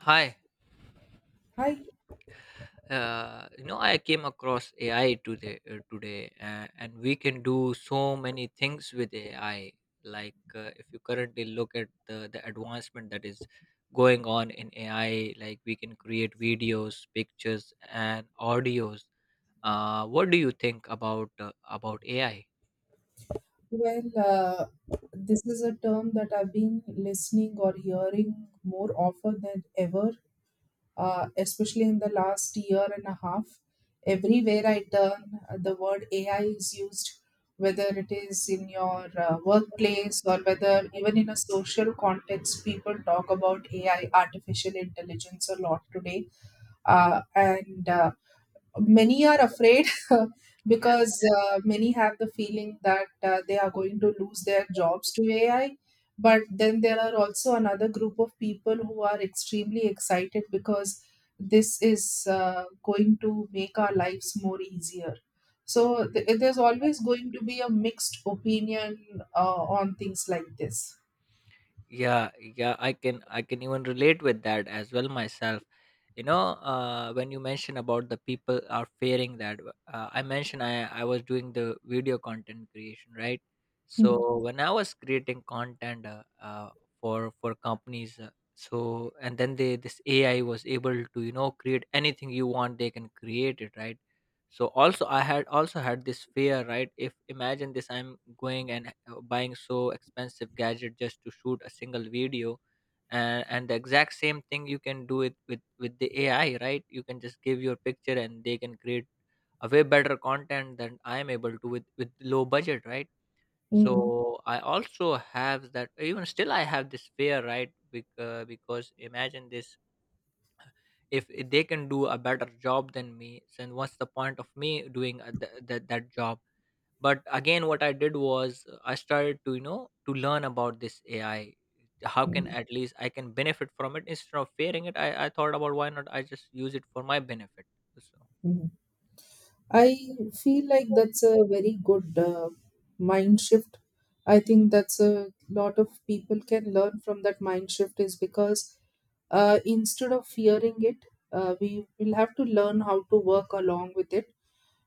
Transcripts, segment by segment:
Hi. Hi. You know, I came across AI today, and we can do so many things with AI. Like, if you currently look at the advancement that is going on in AI, like we can create videos, pictures, and audios. What do you think about AI? Well, uh, this is a term that I've been listening or hearing more often than ever, especially in the last year and a half. Everywhere I turn, the word AI is used, whether it is in your workplace or whether even in a social context, people talk about AI, artificial intelligence, a lot today. And Many are afraid because many have the feeling that they are going to lose their jobs to AI. But then there are also another group of people who are extremely excited because this is going to make our lives more easier. So there's always going to be a mixed opinion on things like this. Yeah, yeah, I can even relate with that as well myself. You know, when you mention about the people are fearing that, I mentioned I was doing the video content creation, right? Mm, So when I was creating content, for companies, so and then they, this AI was able to, you know, create anything you want, they can create it, right? So also I had, also had this fear, right? If, imagine this, I'm going and buying so expensive gadget just to shoot a single video, and the exact same thing you can do it with the AI, right? You can just give your picture and they can create a way better content than I am able to with low budget, right? mm, So I also have that, even still I have this fear, right? Because imagine this, if they can do a better job than me, then what's the point of me doing that job? But again, what I did was, I started to, you know, to learn about this AI, how can mm, at least I can benefit from it. Instead of fearing it, I thought about why not I just use it for my benefit. So mm. I feel like that's a very good mind shift. I think that's a lot of people can learn from that mind shift is because instead of fearing it, we will have to learn how to work along with it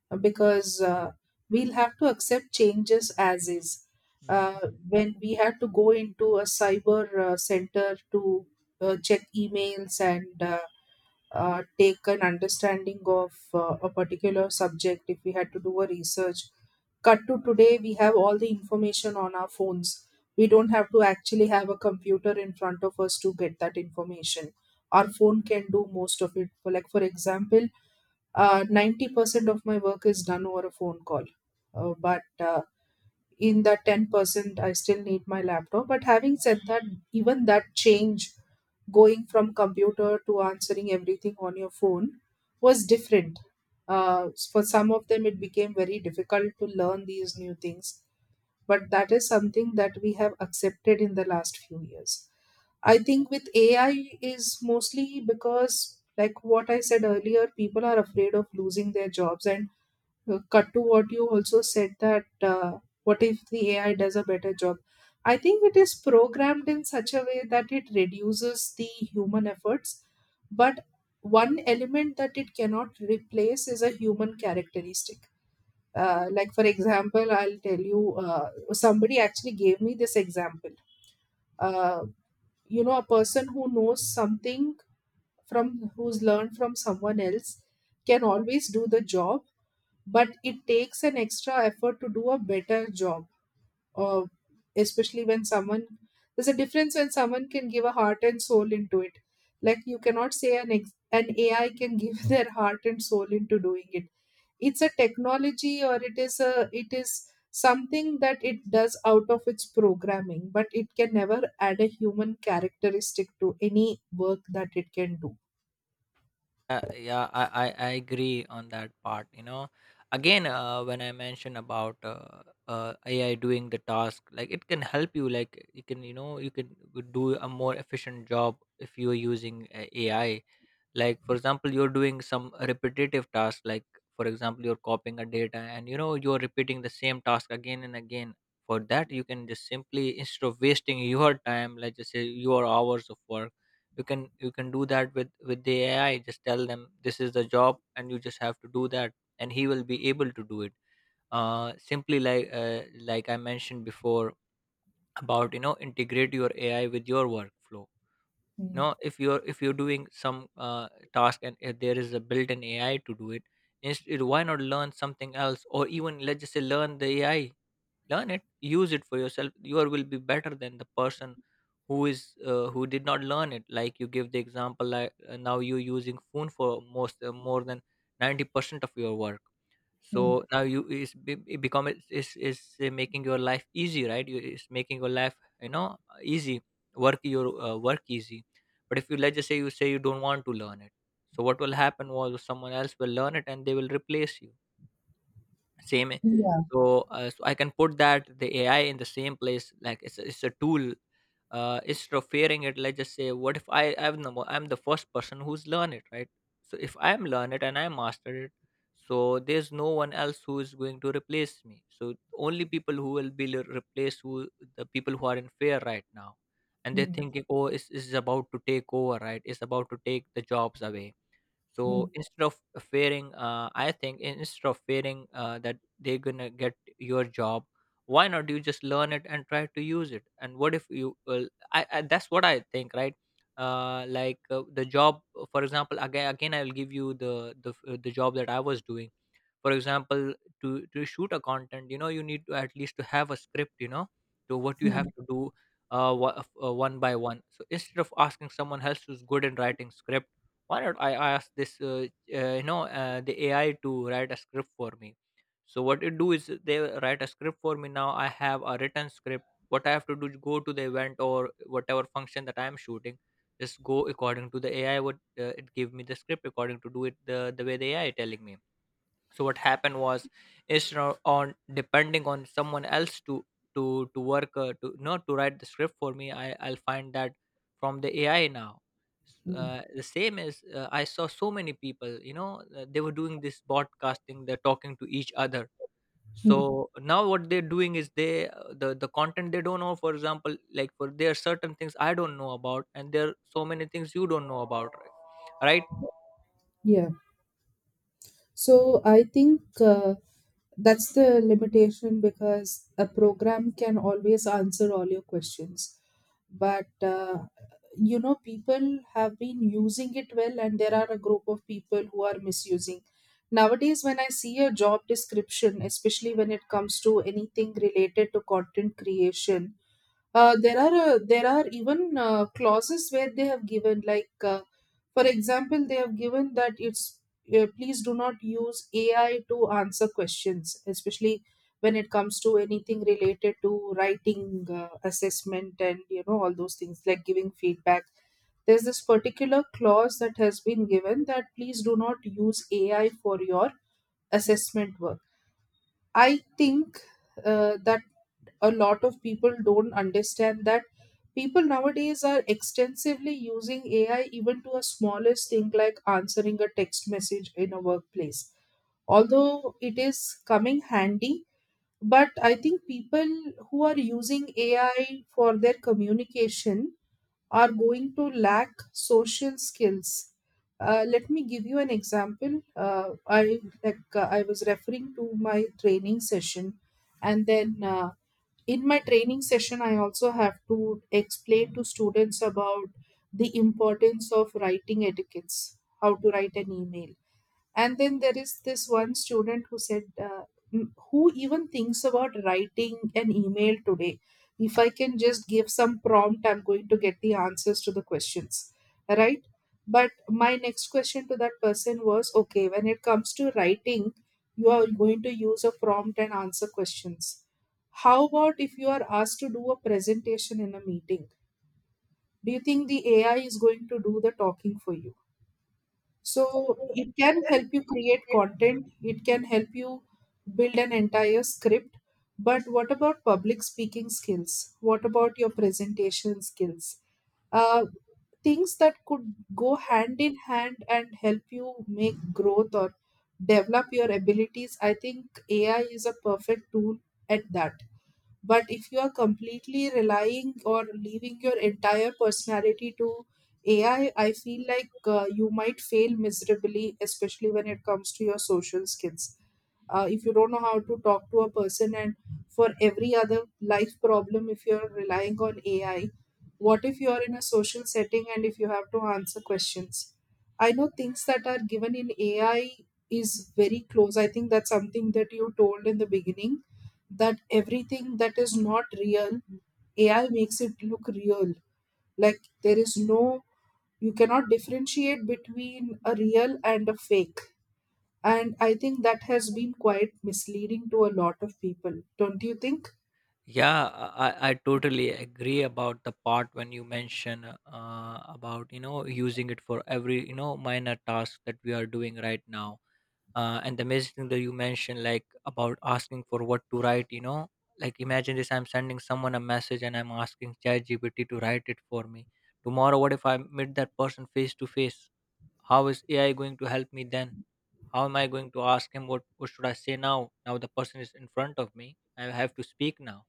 because we'll have to accept changes as is. mm-hmm. When we had to go into a cyber center to check emails and take an understanding of a particular subject, if we had to do a research, cut to today, we have all the information on our phones. We don't have to actually have a computer in front of us to get that information. Our phone can do most of it. For like, for example, 90% of my work is done over a phone call, but in that 10% I still need my laptop. But having said that, even that change, going from computer to answering everything on your phone, was different. For some of them it became very difficult to learn these new things, but that is something that we have accepted in the last few years. I think with AI is mostly because, like what I said earlier, people are afraid of losing their jobs. And cut to what you also said, that what if the AI does a better job? I think it is programmed in such a way that it reduces the human efforts, but one element that it cannot replace is a human characteristic. Like, for example, I'll tell you, somebody actually gave me this example. Uh, you know, a person who knows something from who's learned from someone else can always do the job, but it takes an extra effort to do a better job, uh, especially when someone, there's a difference when someone can give a heart and soul into it. Like you cannot say an AI can give their heart and soul into doing it. It's a technology, or it is something that it does out of its programming, but it can never add a human characteristic to any work that it can do. Yeah, I agree on that part. You know, again, when I mentioned about AI doing the task, like it can help you. Like you can, you know, you can do a more efficient job if you're using AI. Like for example, you're doing some repetitive task, like for example, you're copying a data and, you know, you're repeating the same task again and again. For that, you can just simply, instead of wasting your time, like just say your hours of work, you can do that with the AI. Just tell them this is the job and you just have to do that, and he will be able to do it. Simply like I mentioned before about, you know, integrate your AI with your workflow. You Mm, know, if you're doing some task and if there is a built-in AI to do it instead, why not learn something else? Or even, let's just say, learn the AI, learn it, use it for yourself. You are- will be better than the person who is who did not learn it. Like you give the example, like, now you're using phone for most, more than 90% of your work. mm. So now you is be- it become it's making your life easy, right? You, it's making your life, you know, easy, work your work easy. But if you, let's just say, you say you don't want to learn it, so what will happen was someone else will learn it and they will replace you. Same, Yeah. so so I can put that the AI in the same place, like it's a tool. Instead of fearing it, let's just say, what if I'm the, mo- I'm the first person who's learned it, right? So if I'm learned it and I mastered it, so there's no one else who is going to replace me. So only people who will be le- replaced who, the people who are in fear right now, and they're Mm, thinking, oh, it's about to take over, right? It's about to take the jobs away. mm, So instead of fearing, I think, instead of fearing, that they're gonna get your job, why not you just learn it and try to use it? And what if you, I, that's what I think, right? Like, the job, for example, again I'll give you the job that I was doing. For example, to shoot a content, you know, you need to at least to have a script, you know, to what you have to do, one by one. So instead of asking someone else who's good in writing script, why not I ask this you know, the AI to write a script for me? So what it do is they write a script for me. Now I have a written script. What I have to do is go to the event or whatever function that I am shooting, just go according to the AI. What it give me the script according to, do it the way the AI telling me. So what happened was, instead of on depending on someone else to work, to not to write the script for me, I'll find that from the AI now. Mm, The same is, I saw so many people, you know, they were doing this broadcasting, they're talking to each other. mm. So now what they're doing is they, the content they don't know. For example, like, for there are certain things I don't know about and there are so many things you don't know about, right? Yeah. So I think that's the limitation, because a program can always answer all your questions. But you know, people have been using it well, and there are a group of people who are misusing. Nowadays, when I see a job description, especially when it comes to anything related to content creation, there are even clauses where they have given like for example, they have given that it's please do not use AI to answer questions, especially when it comes to anything related to writing assessment, and you know, all those things like giving feedback. There's this particular clause that has been given, that please do not use AI for your assessment work. I think that a lot of people don't understand that people nowadays are extensively using AI even to a smallest thing like answering a text message in a workplace. Although it is coming handy, but I think people who are using AI for their communication are going to lack social skills. Let me give you an example. I like, I was referring to my training session, and then in my training session, I also have to explain to students about the importance of writing etiquettes, how to write an email. And then there is this one student who said, Who even thinks about writing an email today? If I can just give some prompt, I'm going to get the answers to the questions, right?" But my next question to that person was, okay, when it comes to writing, you are going to use a prompt and answer questions. How about if you are asked to do a presentation in a meeting? Do you think the AI is going to do the talking for you? So it can help you create content, it can help you build an entire script. But what about public speaking skills? What about your presentation skills? Uh, things that could go hand in hand and help you make growth or develop your abilities. I think AI is a perfect tool at that, but if you are completely relying or leaving your entire personality to AI, I feel like you might fail miserably, especially when it comes to your social skills. If you don't know how to talk to a person, and for every other life problem, if you're relying on AI, what if you're in a social setting and if you have to answer questions? I know things that are given in AI is very close. I think that's something that you told in the beginning, that everything that is not real, AI makes it look real. Like there is no, you cannot differentiate between a real and a fake. And I think that has been quite misleading to a lot of people. Don't you think? Yeah, I totally agree about the part when you mention about, you know, using it for every, you know, minor task that we are doing right now. And the amazing thing that you mentioned, like about asking for what to write, you know, like imagine this: I'm sending someone a message and I'm asking ChatGPT to write it for me. Tomorrow, what if I meet that person face to face? How is AI going to help me then? How am I going to ask him what should I say now? Now the person is in front of me. I have to speak now.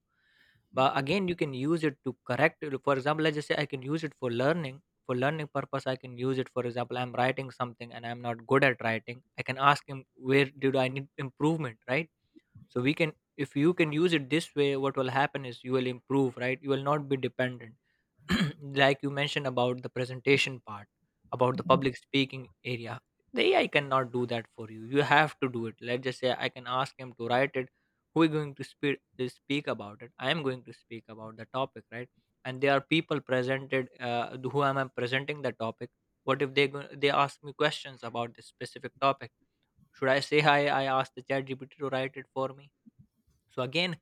But again, you can use it to correct. For example, let's just say, I can use it for learning, for learning purpose. I can use it, for example, I'm writing something and I'm not good at writing, I can ask him where did I need improvement, right? So we can, if you can use it this way, what will happen is you will improve, right? You will not be dependent. Like you mentioned about the presentation part, about the public speaking area, the AI cannot do that for you, you have to do it. Let's just say, I can ask him to write it, who is going to speak, speak about it? I am going to speak about the topic, right? And there are people presented, who am I presenting the topic? What if they go, they ask me questions about this specific topic, should I say hi, I ask the chat gpt to write it for me? So again,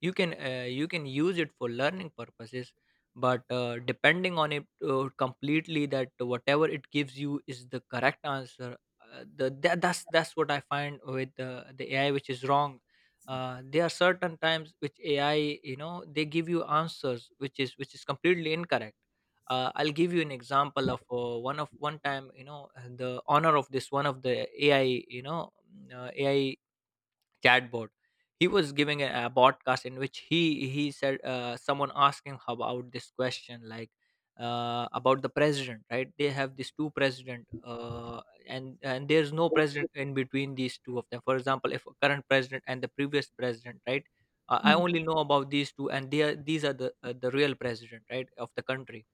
you can, you can use it for learning purposes. But depending on it completely, that whatever it gives you is the correct answer, that's what I find with the AI, which is wrong. There are certain times which AI, you know, they give you answers which is, which is completely incorrect. I'll give you an example of, one of one time, you know, the honor of this, one of the AI, you know, AI chatbot, he was giving a podcast in which he said, someone asked him about this question, like about the president, right? They have these two president, and there's no president in between these two of them. For example, if a current president and the previous president, right? I only know about these two and they are, these are the, the real president, right, of the country.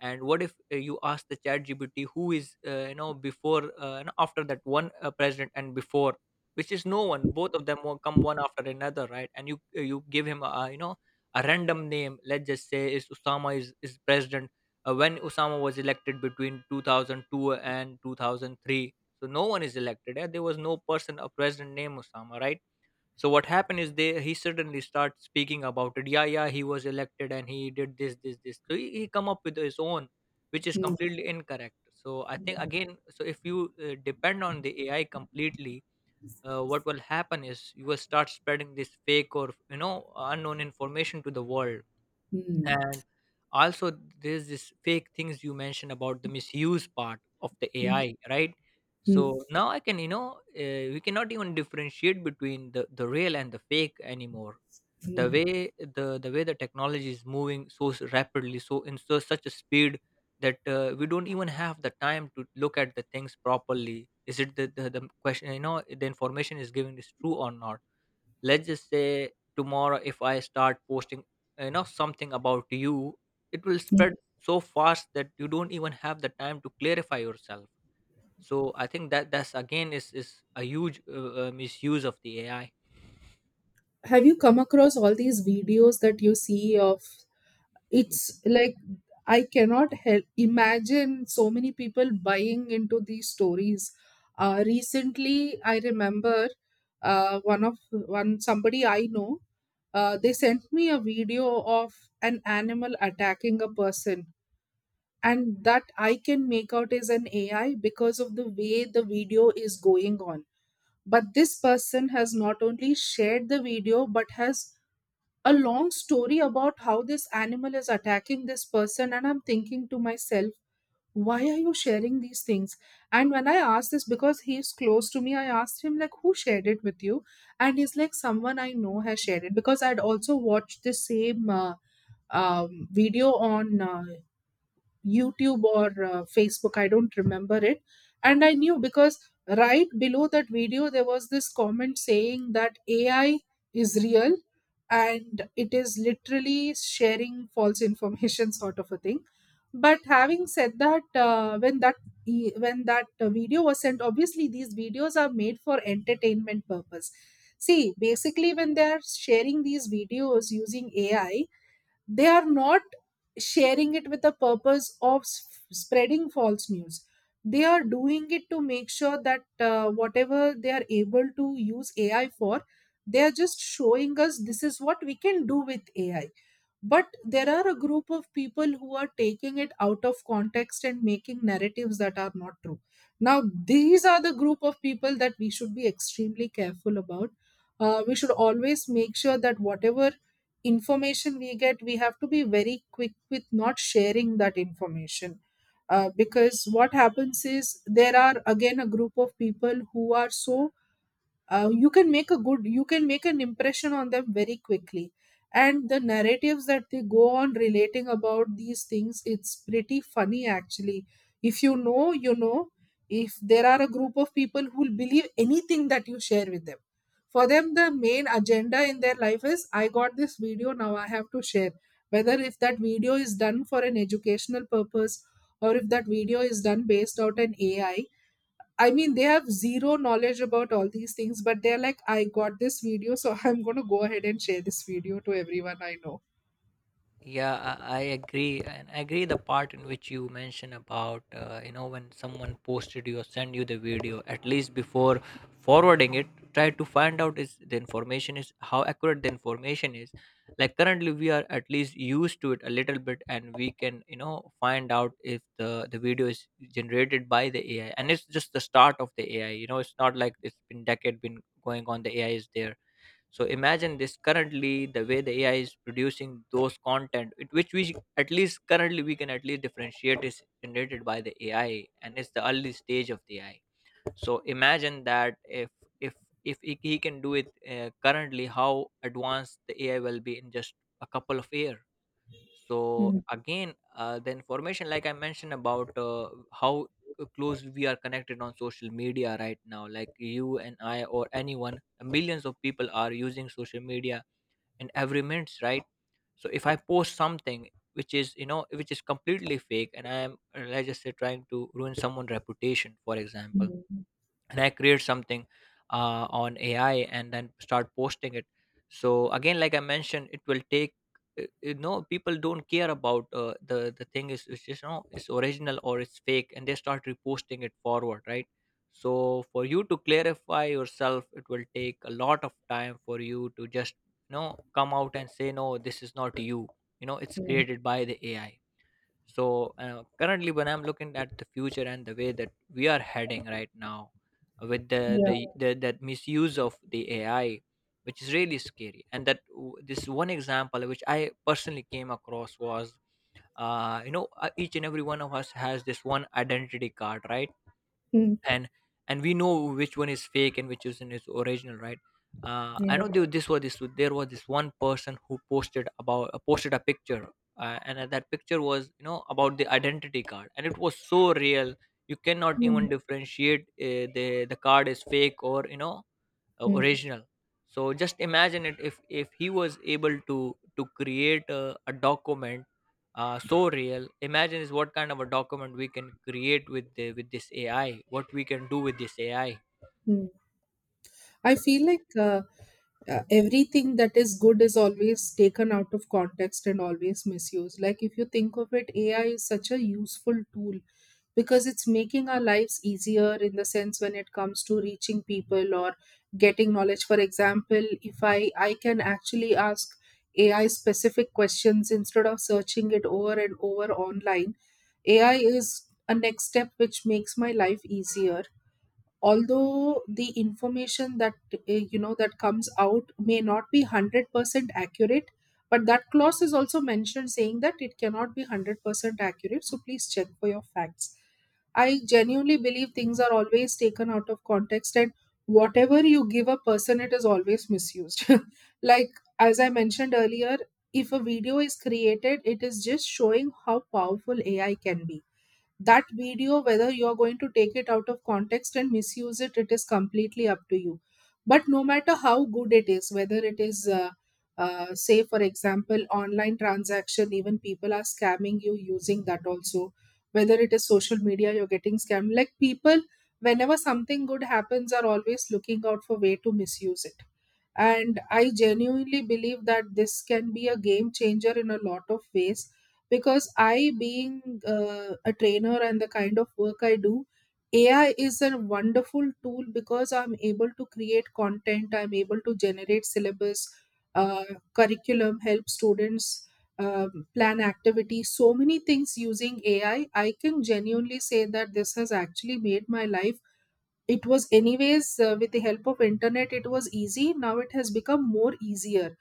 And what if, you ask the chat gpt who is, you know, before, after that one, president, and before, which is no one, both of them will come one after another, right? And you, you give him a, you know, a random name. Let's just say is Osama is president, when Osama was elected between 2002 and 2003. So no one is elected, eh? There was no person a president named Osama, right? So what happened is they he suddenly starts speaking about it. Yeah, yeah, he was elected and he did this, this, this, so he come up with his own, which is completely incorrect. So I think again, so if you depend on the AI completely, what will happen is you will start spreading this fake or unknown information to the world. And also, there's this fake things you mentioned about the misuse part of the AI, right? So now I can, we cannot even differentiate between the real and the fake anymore. The way the way the technology is moving so rapidly, so in such a speed, that we don't even have the time to look at the things properly. Is it the the question? You know, the information is given is true or not? Let's just say tomorrow if I start posting, you know, something about you, it will spread so fast that you don't even have the time to clarify yourself. So I think that that's again is a huge misuse of the AI. Have you come across all these videos that you see of, Mm. it's like, I cannot help imagine so many people buying into these stories. Recently I remember, one somebody I know, they sent me a video of an animal attacking a person. And that I can make out is an AI because of the way the video is going on. But this person has not only shared the video but has a long story about how this animal is attacking this person. And I'm thinking to myself, why are you sharing these things? And when I asked this, because he's close to me, I asked him like, who shared it with you? And he's like, someone I know has shared it. Because I'd also watched the same video on YouTube or Facebook. I don't remember it. And I knew because right below that video, there was this comment saying that AI is real and it is literally sharing false information, sort of a thing. But having said that, when that when that video was sent, obviously these videos are made for entertainment purpose. See, basically, when they are sharing these videos using AI, they are not sharing it with the purpose of spreading false news. They are doing it to make sure that whatever they are able to use AI for, they are just showing us this is what we can do with AI. But there are a group of people who are taking it out of context and making narratives that are not true. Now, these are the group of people that we should be extremely careful about. We should always make sure that whatever information we get, we have to be very quick with not sharing that information. Because what happens is, there are again a group of people who are so you can make a good, you can make an impression on them very quickly. And the narratives that they go on relating about these things, it's pretty funny actually. If you know, you know, if there are a group of people who will believe anything that you share with them, for them the main agenda in their life is, I got this video, now I have to share. Whether if that video is done for an educational purpose, or if that video is done based out an AI, I mean, they have zero knowledge about all these things, but they're like, I got this video, so I'm going to go ahead and share this video to everyone I know. Yeah, I agree, and I agree the part in which you mentioned about, when someone posted you or send you the video, at least before forwarding it, try to find out is the information is how accurate the information is. Like currently, we are at least used to it a little bit, and we can, you know, find out if the video is generated by the AI, and it's just the start of the AI. You know, it's not like it's been decade been going on. The AI is there. So imagine this currently the way the AI is producing those content it, which we at least currently we can at least differentiate is generated by the AI and it's the early stage of the AI. So imagine that if if he can do it currently, how advanced the AI will be in just a couple of years. So Mm, again, the information like I mentioned about, how close we are connected on social media right now, like you and I or anyone, millions of people are using social media in every minute, right? So if I post something which is, you know, which is completely fake, and I am, let's just say, trying to ruin someone's reputation, for example, and I create something on AI and then start posting it. So again, like I mentioned, it will take. You know, people don't care about, the thing is it's just no, it's original or it's fake, and they start reposting it forward, right? So for you to clarify yourself, it will take a lot of time for you to just, you know, come out and say no, this is not you. You know, it's created by the AI. So currently when I'm looking at the future and the way that we are heading right now with Yeah. The that misuse of the AI, which is really scary. And that this one example which I personally came across was, each and every one of us has this one identity card, right? Mm, and and we know which one is fake and which is in its original, right? I know there was this one person who posted about, posted a picture, and that picture was, you know, about the identity card, and it was so real you cannot mm, even differentiate the card is fake or, you know, mm, original. So just imagine it, if he was able to create a document so real, imagine is what kind of a document we can create with with this AI, what we can do with this AI. mm. I feel like everything that is good is always taken out of context and always misused. Like, if you think of it, AI is such a useful tool because it's making our lives easier in the sense when it comes to reaching people or getting knowledge, for example. If I can actually ask AI specific questions instead of searching it over and over online. AI is a next step which makes my life easier, although the information that that comes out may not be 100% accurate. But that clause is also mentioned, saying that it cannot be 100% accurate, so please check for your facts. I genuinely believe things are always taken out of context, and whatever you give a person, it is always misused. like, as I mentioned earlier, if a video is created, it is just showing how powerful AI can be. That video, whether you're going to take it out of context and misuse it, it is completely up to you. But no matter how good it is, whether it is say for example online transaction, even people are scamming you using that also. Whether it is social media, you're getting scammed. Like, people, whenever something good happens, are always looking out for way to misuse it. And I genuinely believe that this can be a game changer in a lot of ways, because I, being a trainer, and the kind of work I do, AI is a wonderful tool because I'm able to create content, I'm able to generate syllabus, uh, curriculum, help students plan activities, so many things using AI. I can genuinely say that this has actually made my life, it was anyways with the help of internet it was easy, now it has become more easier.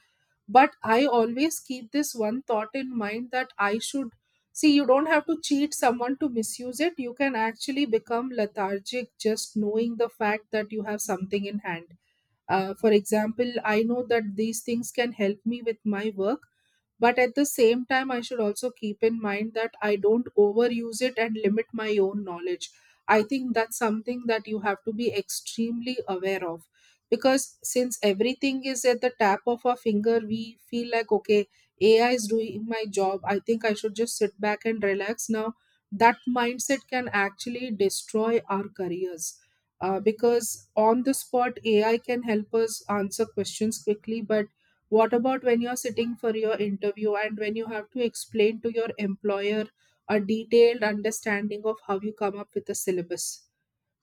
But I always keep this one thought in mind that I should, see, you don't have to cheat someone to misuse it, you can actually become lethargic just knowing the fact that you have something in hand. For example, I know that these things can help me with my work, but at the same time, I should also keep in mind that I don't overuse it and limit my own knowledge. I think that's something that you have to be extremely aware of, because since everything is at the tap of our finger, we feel like, okay, AI is doing my job. I think I should just sit back and relax now. That mindset can actually destroy our careers. Because on the spot, AI can help us answer questions quickly, but what about when you're sitting for your interview and when you have to explain to your employer a detailed understanding of how you come up with a syllabus?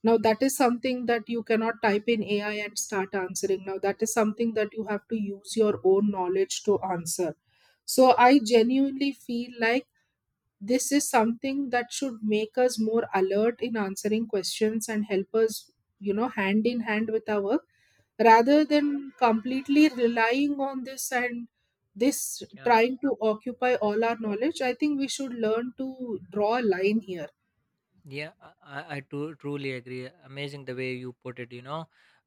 Now, that is something that you cannot type in AI and start answering. Now, that is something that you have to use your own knowledge to answer. So, I genuinely feel like this is something that should make us more alert in answering questions and help us, you know, hand in hand with our work, rather than completely relying on this and this Yeah, trying to occupy all our knowledge. I think we should learn to draw a line here. yeah, I truly agree. Amazing the way you put it, you know,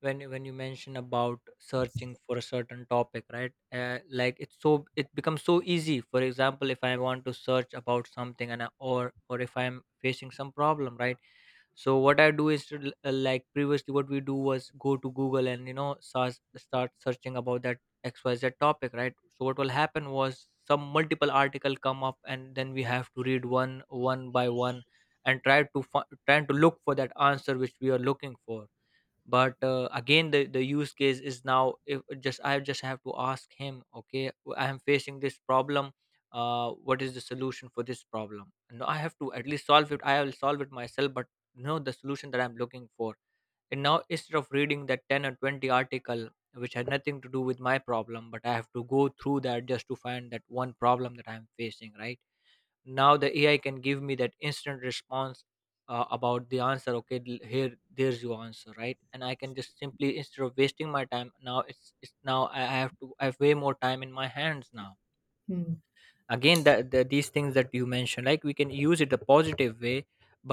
when you mention about searching for a certain topic, right? Like it's so— it becomes so easy. For example, if I want to search about something, and I, or if I'm facing some problem, right? So what I do is to, like previously what we do was go to Google and, you know, start searching about that XYZ topic, right? So what will happen was some multiple article come up, and then we have to read one by one and try to trying to look for that answer which we are looking for. But again, the use case is now if just I just have to ask him, okay, I am facing this problem, what is the solution for this problem? No, I have to at least solve it. I will solve it myself, but no, the solution that I'm looking for, and now instead of reading that 10 or 20 article which had nothing to do with my problem, but I have to go through that just to find that one problem that I'm facing, right? Now the AI can give me that instant response, about the answer. Okay, here there's your answer, right? And I can just simply, instead of wasting my time now, it's now I have to— I have way more time in my hands now. Hmm. Again, that these things that you mentioned, like we can use it a positive way,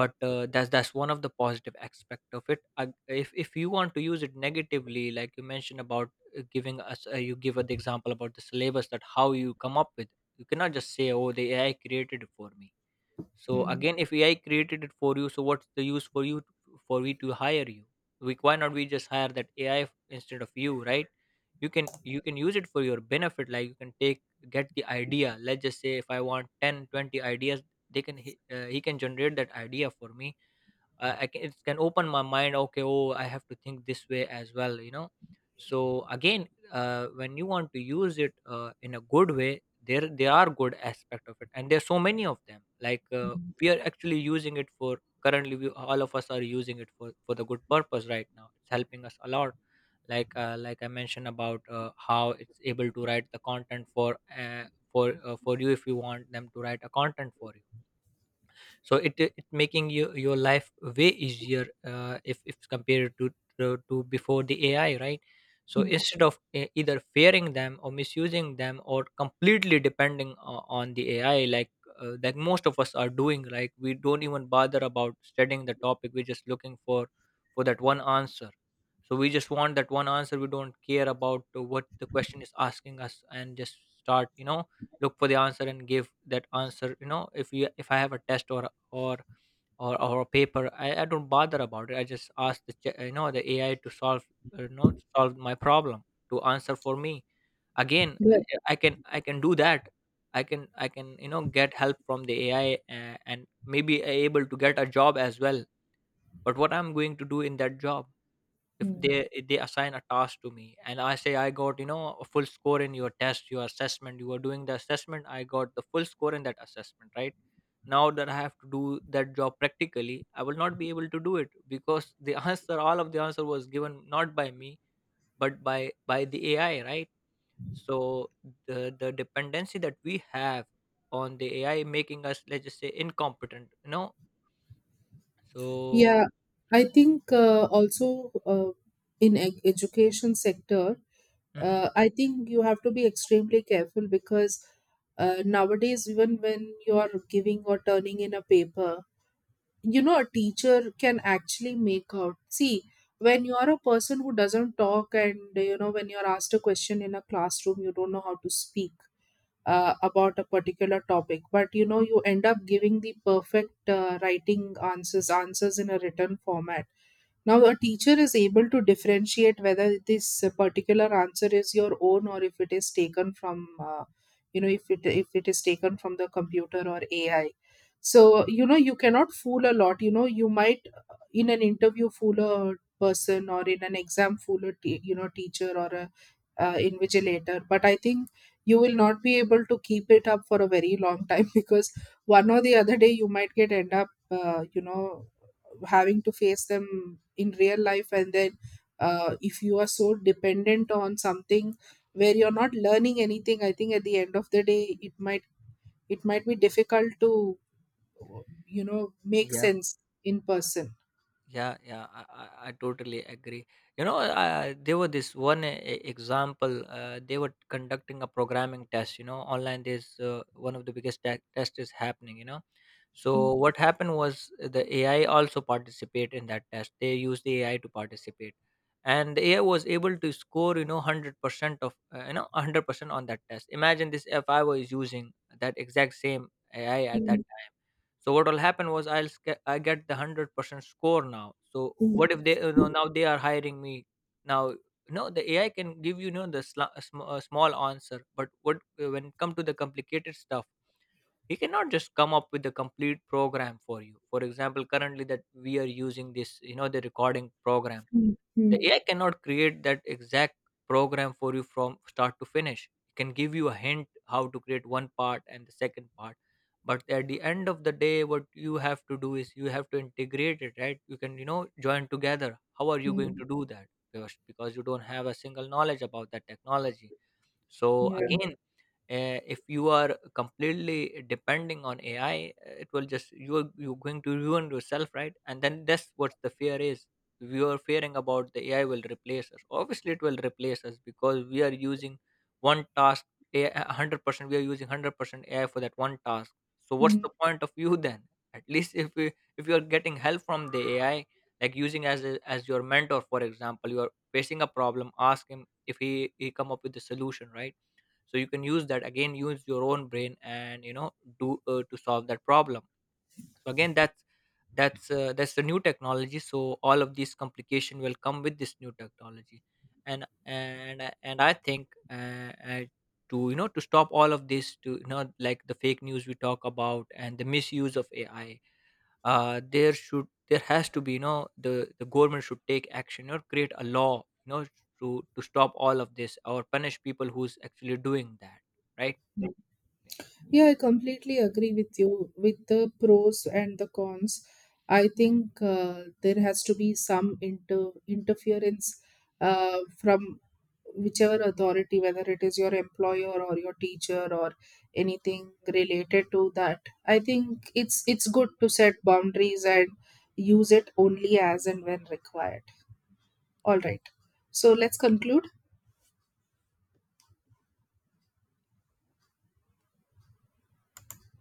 but that's one of the positive aspect of it. If you want to use it negatively, like you mentioned about, giving us you give the example about the syllabus, that how you come up with, you cannot just say, oh, the AI created it for me. So Hmm. again, if AI created it for you, so what's the use for for we to hire you? We— why not we just hire that AI instead of you, right? You can— you can use it for your benefit. Like you can take— get the idea. Let's just say if I want 10 20 ideas, they can he can generate that idea for me. I can— it can open my mind, okay, oh, I have to think this way as well, you know. So again, when you want to use it in a good way, there are good aspect of it, and there's so many of them, like, we are actually using it for— currently all of us are using it for— for the good purpose right now. It's helping us a lot, like, I mentioned about, how it's able to write the content for, uh, for you, if you want them to write a content for you. So it— it making you your life way easier, if compared to, before the AI, right? So instead of either fearing them or misusing them or completely depending on the AI, like, most of us are doing, like we don't even bother about studying the topic, we're just looking for— for that one answer. So we just want that one answer, we don't care about, what the question is asking us, and just start, you know, look for the answer and give that answer. You know, if I have a test or or a paper, I don't bother about it, I just ask the the AI to solve, solve my problem, to answer for me. Again, Yeah. I can— I can do that. I can— I can, you know, get help from the AI, and maybe able to get a job as well. But what I'm going to do in that job, if Hmm. they— if they assign a task to me, and I say I got, you know, a full score in your test, your assessment, you were doing the assessment, I got the full score in that assessment, right? Now that I have to do that job practically, I will not be able to do it, because the answer, all of the answer was given not by me, but by— by the AI, right? So the— the dependency that we have on the AI, making us, let's just say, incompetent, you know. So Yeah, I think also, uh, in education sector, Mhm. I think you have to be extremely careful because nowadays, even when you are giving or turning in a paper, you know, a teacher can actually make out, see, when you are a person who doesn't talk, and you know, when you're asked a question in a classroom, you don't know how to speak about a particular topic, but you know, you end up giving the perfect writing answers in a written format. Now, a teacher is able to differentiate whether this particular answer is your own, or if it is taken from, you know, if it is taken from the computer or AI. So, you know, you cannot fool a lot. You know, you might in an interview fool a person, or in an exam fool a you know, teacher or a invigilator, but I think you will not be able to keep it up for a very long time because one or the other day you might get end up you know, having to face them in real life, and then if you are so dependent on something where you're not learning anything, I think at the end of the day it might, it might be difficult to, you know, make sense in person. Yeah, yeah, I totally agree. You know, there were this one example. They were conducting a programming test, you know, online. There's one of the biggest test is happening, you know. So what happened was, the AI also participate in that test. They used the AI to participate, and the AI was able to score, you know, 100% of, 100% on that test. Imagine this, if I was using that exact same AI at that time, so what will happen was I'll I get the 100% score now. So what if Mhm. they, you know, now they are hiring me now? No, the AI can give you, you know, the sla- a sm- a small answer, but what when it come to the complicated stuff, he cannot just come up with the complete program for you. For example, currently that we are using this, you know, the recording program, the Mm. AI cannot create that exact program for you from start to finish. It can give you a hint how to create one part and the second part. But at the end of the day, what you have to do is you have to integrate it, right? You can, you know, join together. How are you going Mm. to do that? Because you don't have a single knowledge about that technology. So Yeah. again, if you are completely depending on AI, it will just— you're going to ruin yourself, right? And then that's what the fear is. We are fearing about the AI will replace us. Obviously it will replace us because we are using one task— AI, 100% we are using 100% AI for that one task. So what's Mm. the point of you then? At least if we— if you are getting help from the AI, like using as as your mentor, for example, you are facing a problem, ask him if he come up with a solution, right? So you can use that, again use your own brain, and, you know, do to solve that problem. So again, that's— that's the new technology. So all of these complication will come with this new technology. And I think, to, you know, to stop all of this, to, you know, like the fake news we talk about and the misuse of AI, there should— there has to be, you know, the government should take action or create a law, you know, to stop all of this or punish people who's actually doing that, right. Yeah, I completely agree with you with the pros and the cons. I think there has to be some interference from whichever authority, whether it is your employer or your teacher or anything related to that. I think it's good to set boundaries and use it only as and when required. All right. So let's conclude.